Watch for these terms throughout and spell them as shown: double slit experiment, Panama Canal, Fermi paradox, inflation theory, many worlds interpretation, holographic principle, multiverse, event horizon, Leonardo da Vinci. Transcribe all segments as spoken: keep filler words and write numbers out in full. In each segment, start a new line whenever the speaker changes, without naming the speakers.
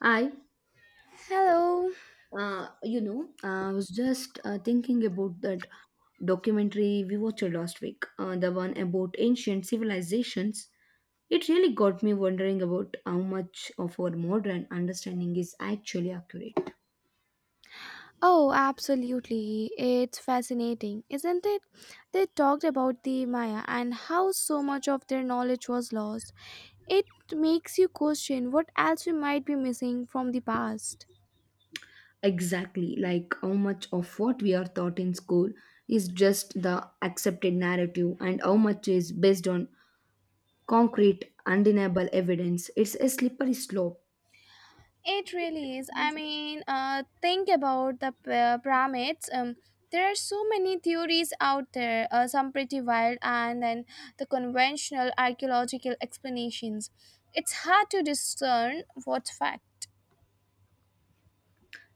I,
Hello.
uh, you know, I was just uh, thinking about that documentary we watched last week, uh, the one about ancient civilizations. It really got me wondering about how much of our modern understanding is actually accurate.
Oh, absolutely. It's fascinating, isn't it? They talked about the Maya and how so much of their knowledge was lost. It makes you question what else we might be missing from the past.
Exactly, like how much of what we are taught in school is just the accepted narrative and how much is based on concrete, undeniable evidence. It's a slippery slope.
It really is. I mean, uh, think about the p- uh, pyramids. Um, there are so many theories out there, uh, some pretty wild, and then the conventional archaeological explanations. It's hard to discern what's fact.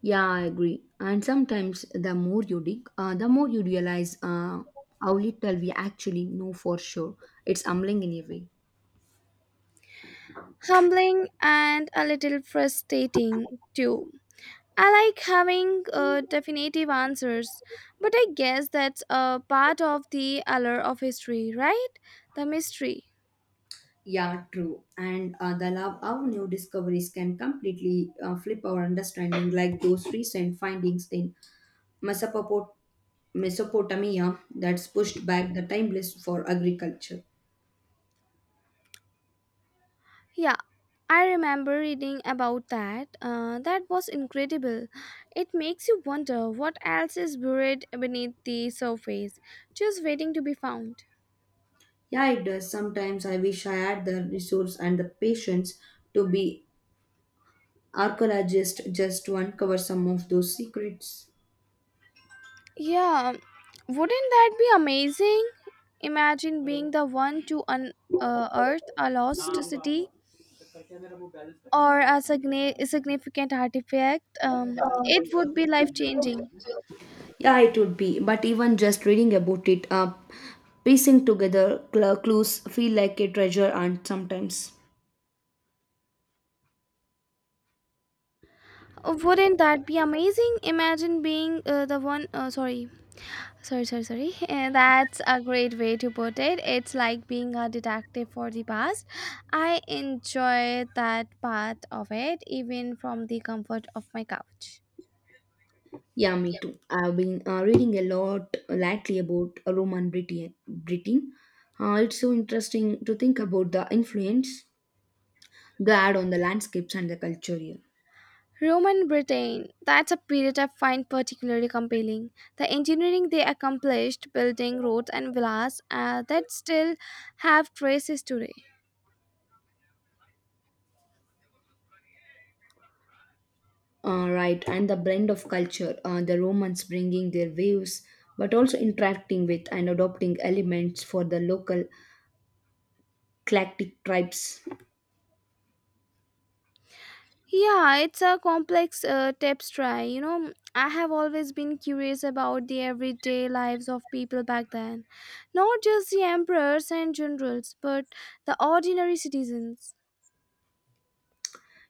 Yeah, I agree. And sometimes the more you dig, uh, the more you realize uh, how little we actually know for sure. It's humbling in a way.
Humbling and a little frustrating, too. I like having uh, definitive answers, but I guess that's a part of the allure of history, right? The mystery.
Yeah, true. And uh, the love of new discoveries can completely uh, flip our understanding, like those recent findings in Mesopot- Mesopotamia that's pushed back the timeless for agriculture.
Yeah, I remember reading about that. Uh, that was incredible. It makes you wonder what else is buried beneath the surface, just waiting to be found.
Yeah, it does. Sometimes I wish I had the resource and the patience to be archaeologist just to uncover some of those secrets.
Yeah, wouldn't that be amazing? Imagine being the one to unearth a lost city or a signi- significant artifact. Um, it would be life changing.
Yeah, it would be. But even just reading about it, uh, piecing together cl- clues feel like a treasure hunt sometimes.
Wouldn't that be amazing? Imagine being uh, the one. Uh, sorry, sorry, sorry, sorry. Uh, that's a great way to put it. It's like being a detective for the past. I enjoy that part of it, even from the comfort of my couch.
Yeah, me too. I've been uh, reading a lot lately about Roman Britain. Britain. Uh, it's so interesting to think about the influence they had on the landscapes and the culture here.
Roman Britain, that's a period I find particularly compelling. The engineering they accomplished, building roads and villas uh, that still have traces today.
Uh, right, and the blend of culture, uh, the Romans bringing their waves, but also interacting with and adopting elements for the local Celtic tribes.
Yeah, it's a complex uh, tapestry. You know, I have always been curious about the everyday lives of people back then. Not just the emperors and generals, but the ordinary citizens.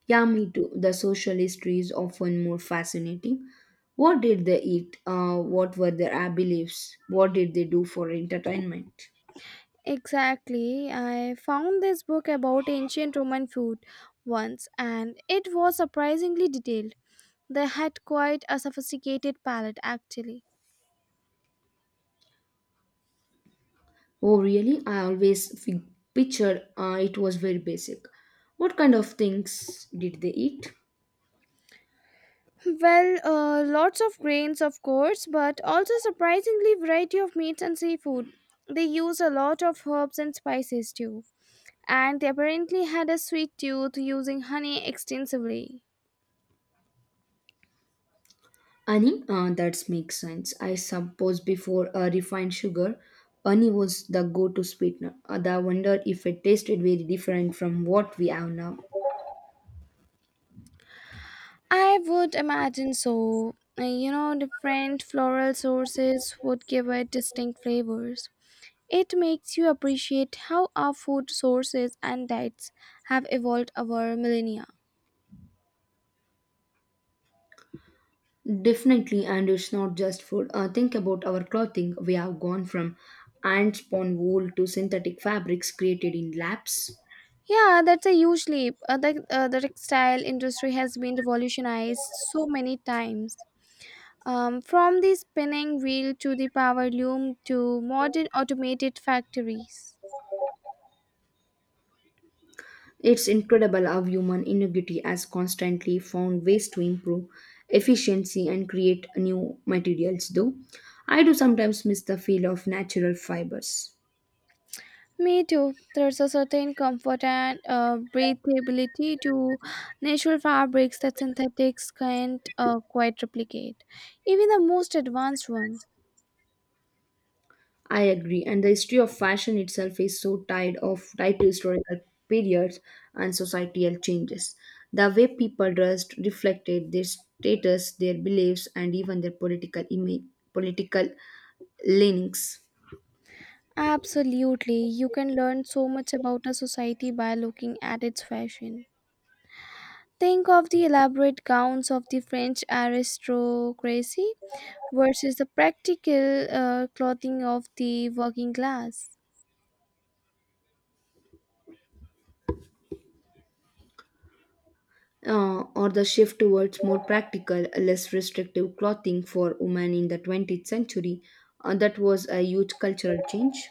Yeah, me too. The social history is often more fascinating. What did they eat? Uh, what were their uh, beliefs? What did they do for entertainment?
Exactly. I found this book about ancient Roman food once and it was surprisingly detailed. They had quite a sophisticated palate actually.
Oh, really? I always fi- pictured uh, it was very basic. What kind of things did they eat?
Well, uh, lots of grains, of course, but also surprisingly variety of meats and seafood. They use a lot of herbs and spices too, and they apparently had a sweet tooth using honey extensively.
Honey, uh, that makes sense. I suppose before uh, refined sugar, honey was the go to sweetener. Uh, I wonder if it tasted very different from what we have now.
I would imagine so. Uh, You know, different floral sources would give it distinct flavors. It makes you appreciate how our food sources and diets have evolved over millennia.
Definitely, and it's not just food. Uh, think about our clothing. We have gone from ant spawn wool to synthetic fabrics created in labs.
Yeah, that's a huge leap. Uh, the, uh, the textile industry has been revolutionized so many times. Um, from the spinning wheel to the power loom to modern automated factories.
It's incredible how human ingenuity has constantly found ways to improve efficiency and create new materials, though. I do sometimes miss the feel of natural fibers.
Me too. There's a certain comfort and uh, breathability to natural fabrics that synthetics can't uh, quite replicate, even the most advanced ones.
I agree, and the history of fashion itself is so tied of tied to historical periods and societal changes. The way people dressed reflected their status, their beliefs, and even their political image, political leanings.
Absolutely, you can learn so much about a society by looking at its fashion. Think of the elaborate gowns of the French aristocracy versus the practical uh, clothing of the working class.
Uh, or the shift towards more practical, less restrictive clothing for women in the twentieth century. Uh, that was a huge cultural change.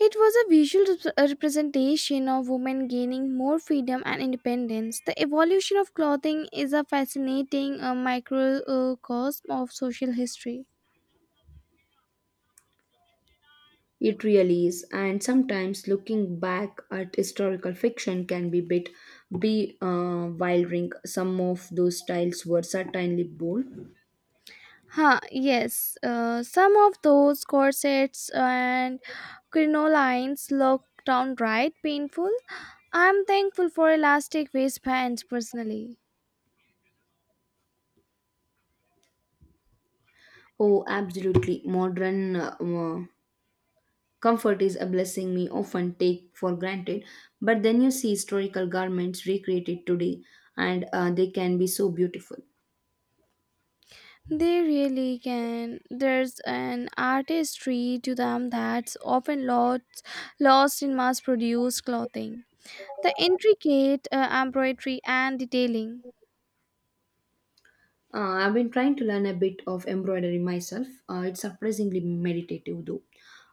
It was a visual rep- a representation of women gaining more freedom and independence. The evolution of clothing is a fascinating uh, microcosm of social history.
It really is, and sometimes looking back at historical fiction can be bit be uh, wildering. Some of those styles were certainly bold.
Huh, yes. Uh, some of those corsets and crinolines look downright painful. I'm thankful for elastic waistbands personally.
Oh, absolutely! Modern uh, uh, comfort is a blessing we often take for granted, but then you see historical garments recreated today, and uh, they can be so beautiful.
They really can. There's an artistry to them that's often lost, lost in mass produced clothing. The intricate uh, embroidery and detailing.
Uh, I've been trying to learn a bit of embroidery myself. Uh, it's surprisingly meditative, though.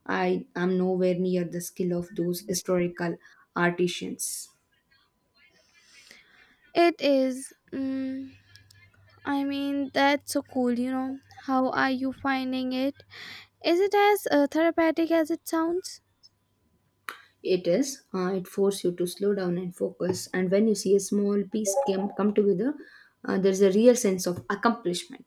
I am nowhere near the skill of those historical artisans.
It is. mm I mean, that's so cool, you know. How are you finding it? Is it as uh, therapeutic as it sounds?
It is. Uh, it forces you to slow down and focus. And when you see a small piece come, come together, uh, there's a real sense of accomplishment.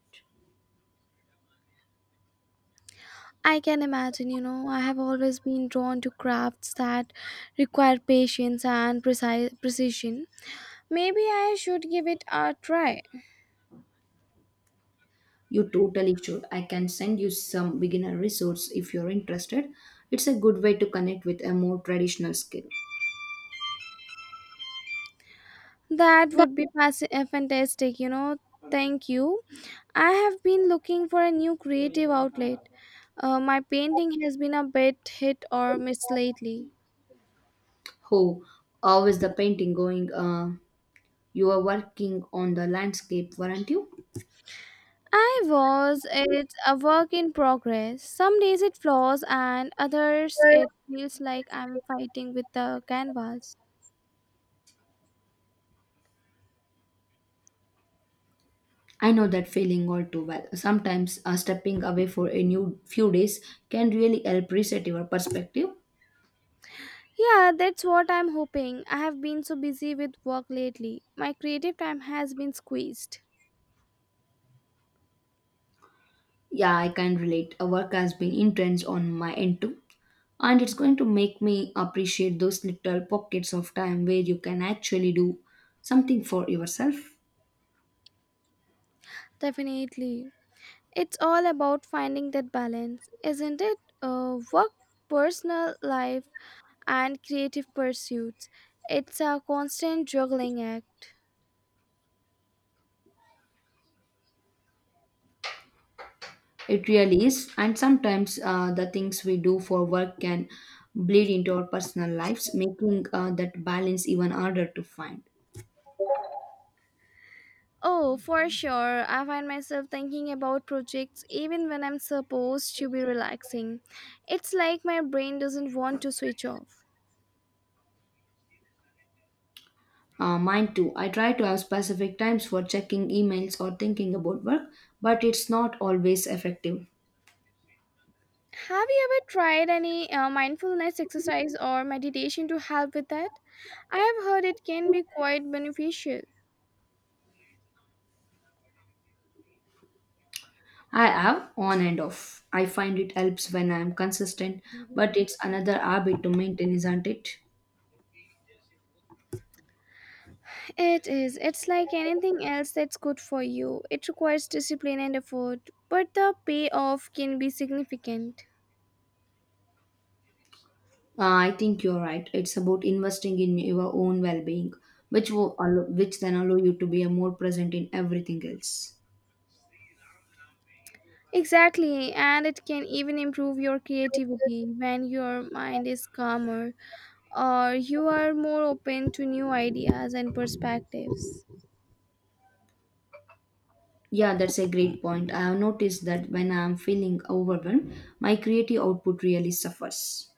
I can imagine, you know, I have always been drawn to crafts that require patience and precise precision. Maybe I should give it a try.
You totally should. I can send you some beginner resource if you're interested. It's a good way to connect with a more traditional skill.
That would be fasc- uh, fantastic, you know. Thank you. I have been looking for a new creative outlet. Uh, my painting has been a bit hit or miss lately.
Oh, how is the painting going? Uh, You were working on the landscape, weren't you?
I was it's a work in progress. Some days it flows and others it feels like I'm fighting with the canvas.
I know that feeling all too well. Sometimes uh, stepping away for a new few days can really help reset your perspective.
Yeah, that's what I'm hoping. I have been so busy with work lately. My creative time has been squeezed.
Yeah, I can relate. Uh, Work has been intense on my end too. And it's going to make me appreciate those little pockets of time where you can actually do something for yourself.
Definitely. It's all about finding that balance, isn't it? Uh, work, personal life, and creative pursuits. It's a constant juggling act.
It really is. And sometimes uh, the things we do for work can bleed into our personal lives, making uh, that balance even harder to find.
Oh, for sure. I find myself thinking about projects even when I'm supposed to be relaxing. It's like my brain doesn't want to switch off.
Uh, mine too. I try to have specific times for checking emails or thinking about work, but it's not always effective.
Have you ever tried any uh, mindfulness exercise or meditation to help with that? I have heard it can be quite beneficial.
I have on and off. I find it helps when I am consistent, but it's another habit to maintain, isn't it?
It is. It's like anything else that's good for you. It requires discipline and effort, but the payoff can be significant.
Uh, I think you're right. It's about investing in your own well-being, which will allow, which then allow you to be a more present in everything else.
Exactly, and it can even improve your creativity when your mind is calmer or you are more open to new ideas and perspectives.
Yeah, that's a great point. I have noticed that when I am feeling overwhelmed, my creative output really suffers.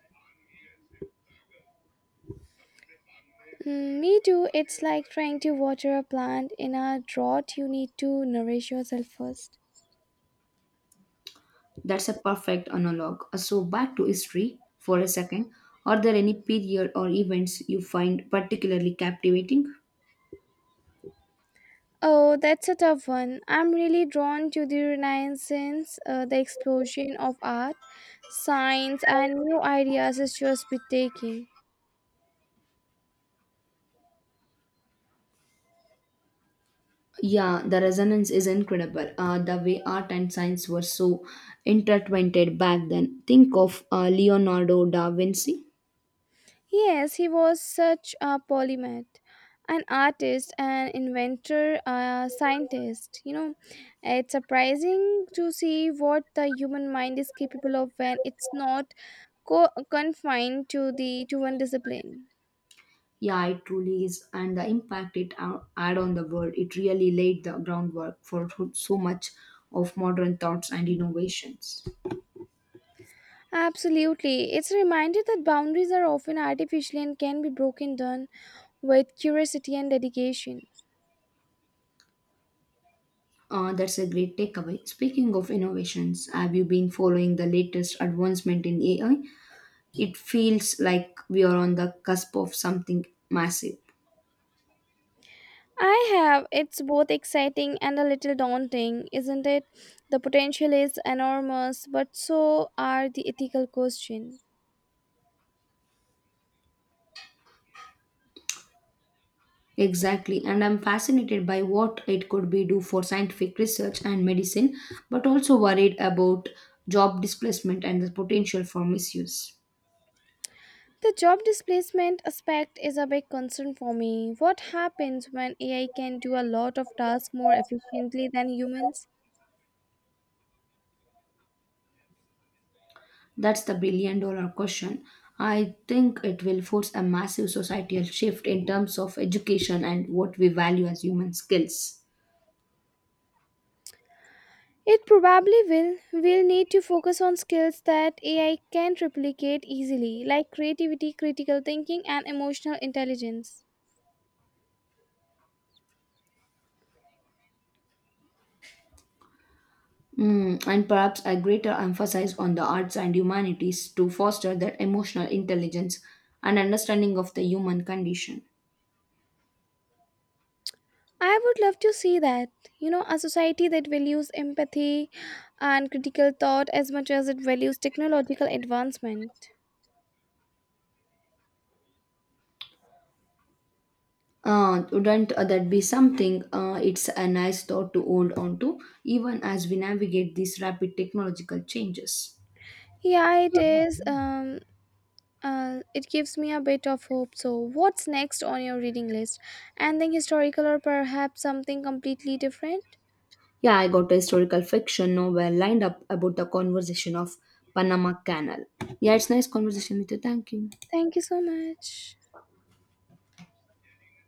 Mm, me too, it's like trying to water a plant in a drought, you need to nourish yourself first.
That's a perfect analog. Uh, So, back to history for a second. Are there any period or events you find particularly captivating?
Oh, that's a tough one. I'm really drawn to the Renaissance, uh, the explosion of art, science, and new ideas is just breathtaking.
Yeah, the resonance is incredible. Uh, the way art and science were so intertwined back then. Think of uh, Leonardo da Vinci.
Yes, he was such a polymath, an artist, an inventor, a scientist. You know, it's surprising to see what the human mind is capable of when it's not co- confined to the to one discipline.
Yeah, it truly is. And the impact it ou- had on the world, it really laid the groundwork for so so much of modern thoughts and innovations.
Absolutely. It's a reminder that boundaries are often artificial and can be broken down with curiosity and dedication.
Uh, that's a great takeaway. Speaking of innovations, have you been following the latest advancement in A I? It feels like we are on the cusp of something massive.
I have. It's both exciting and a little daunting, isn't it? The potential is enormous, but so are the ethical questions.
Exactly, and I'm fascinated by what it could be do for scientific research and medicine, but also worried about job displacement and the potential for misuse.
The job displacement aspect is a big concern for me. What happens when A I can do a lot of tasks more efficiently than humans?
That's the billion dollar question. I think it will force a massive societal shift in terms of education and what we value as human skills.
It probably will. We'll need to focus on skills that A I can't replicate easily, like creativity, critical thinking, and emotional intelligence.
Mm, and perhaps a greater emphasis on the arts and humanities to foster that emotional intelligence and understanding of the human condition.
I would love to see that. You know, a society that values empathy and critical thought as much as it values technological advancement.
Uh, wouldn't uh, that be something? Uh, it's a nice thought to hold on to, even as we navigate these rapid technological changes.
Yeah, it is. Um, uh, it gives me a bit of hope. So, what's next on your reading list? Anything historical or perhaps something completely different?
Yeah, I got a historical fiction novel lined up about the conversation of Panama Canal. Yeah, it's nice conversation with you. Thank you.
Thank you so much.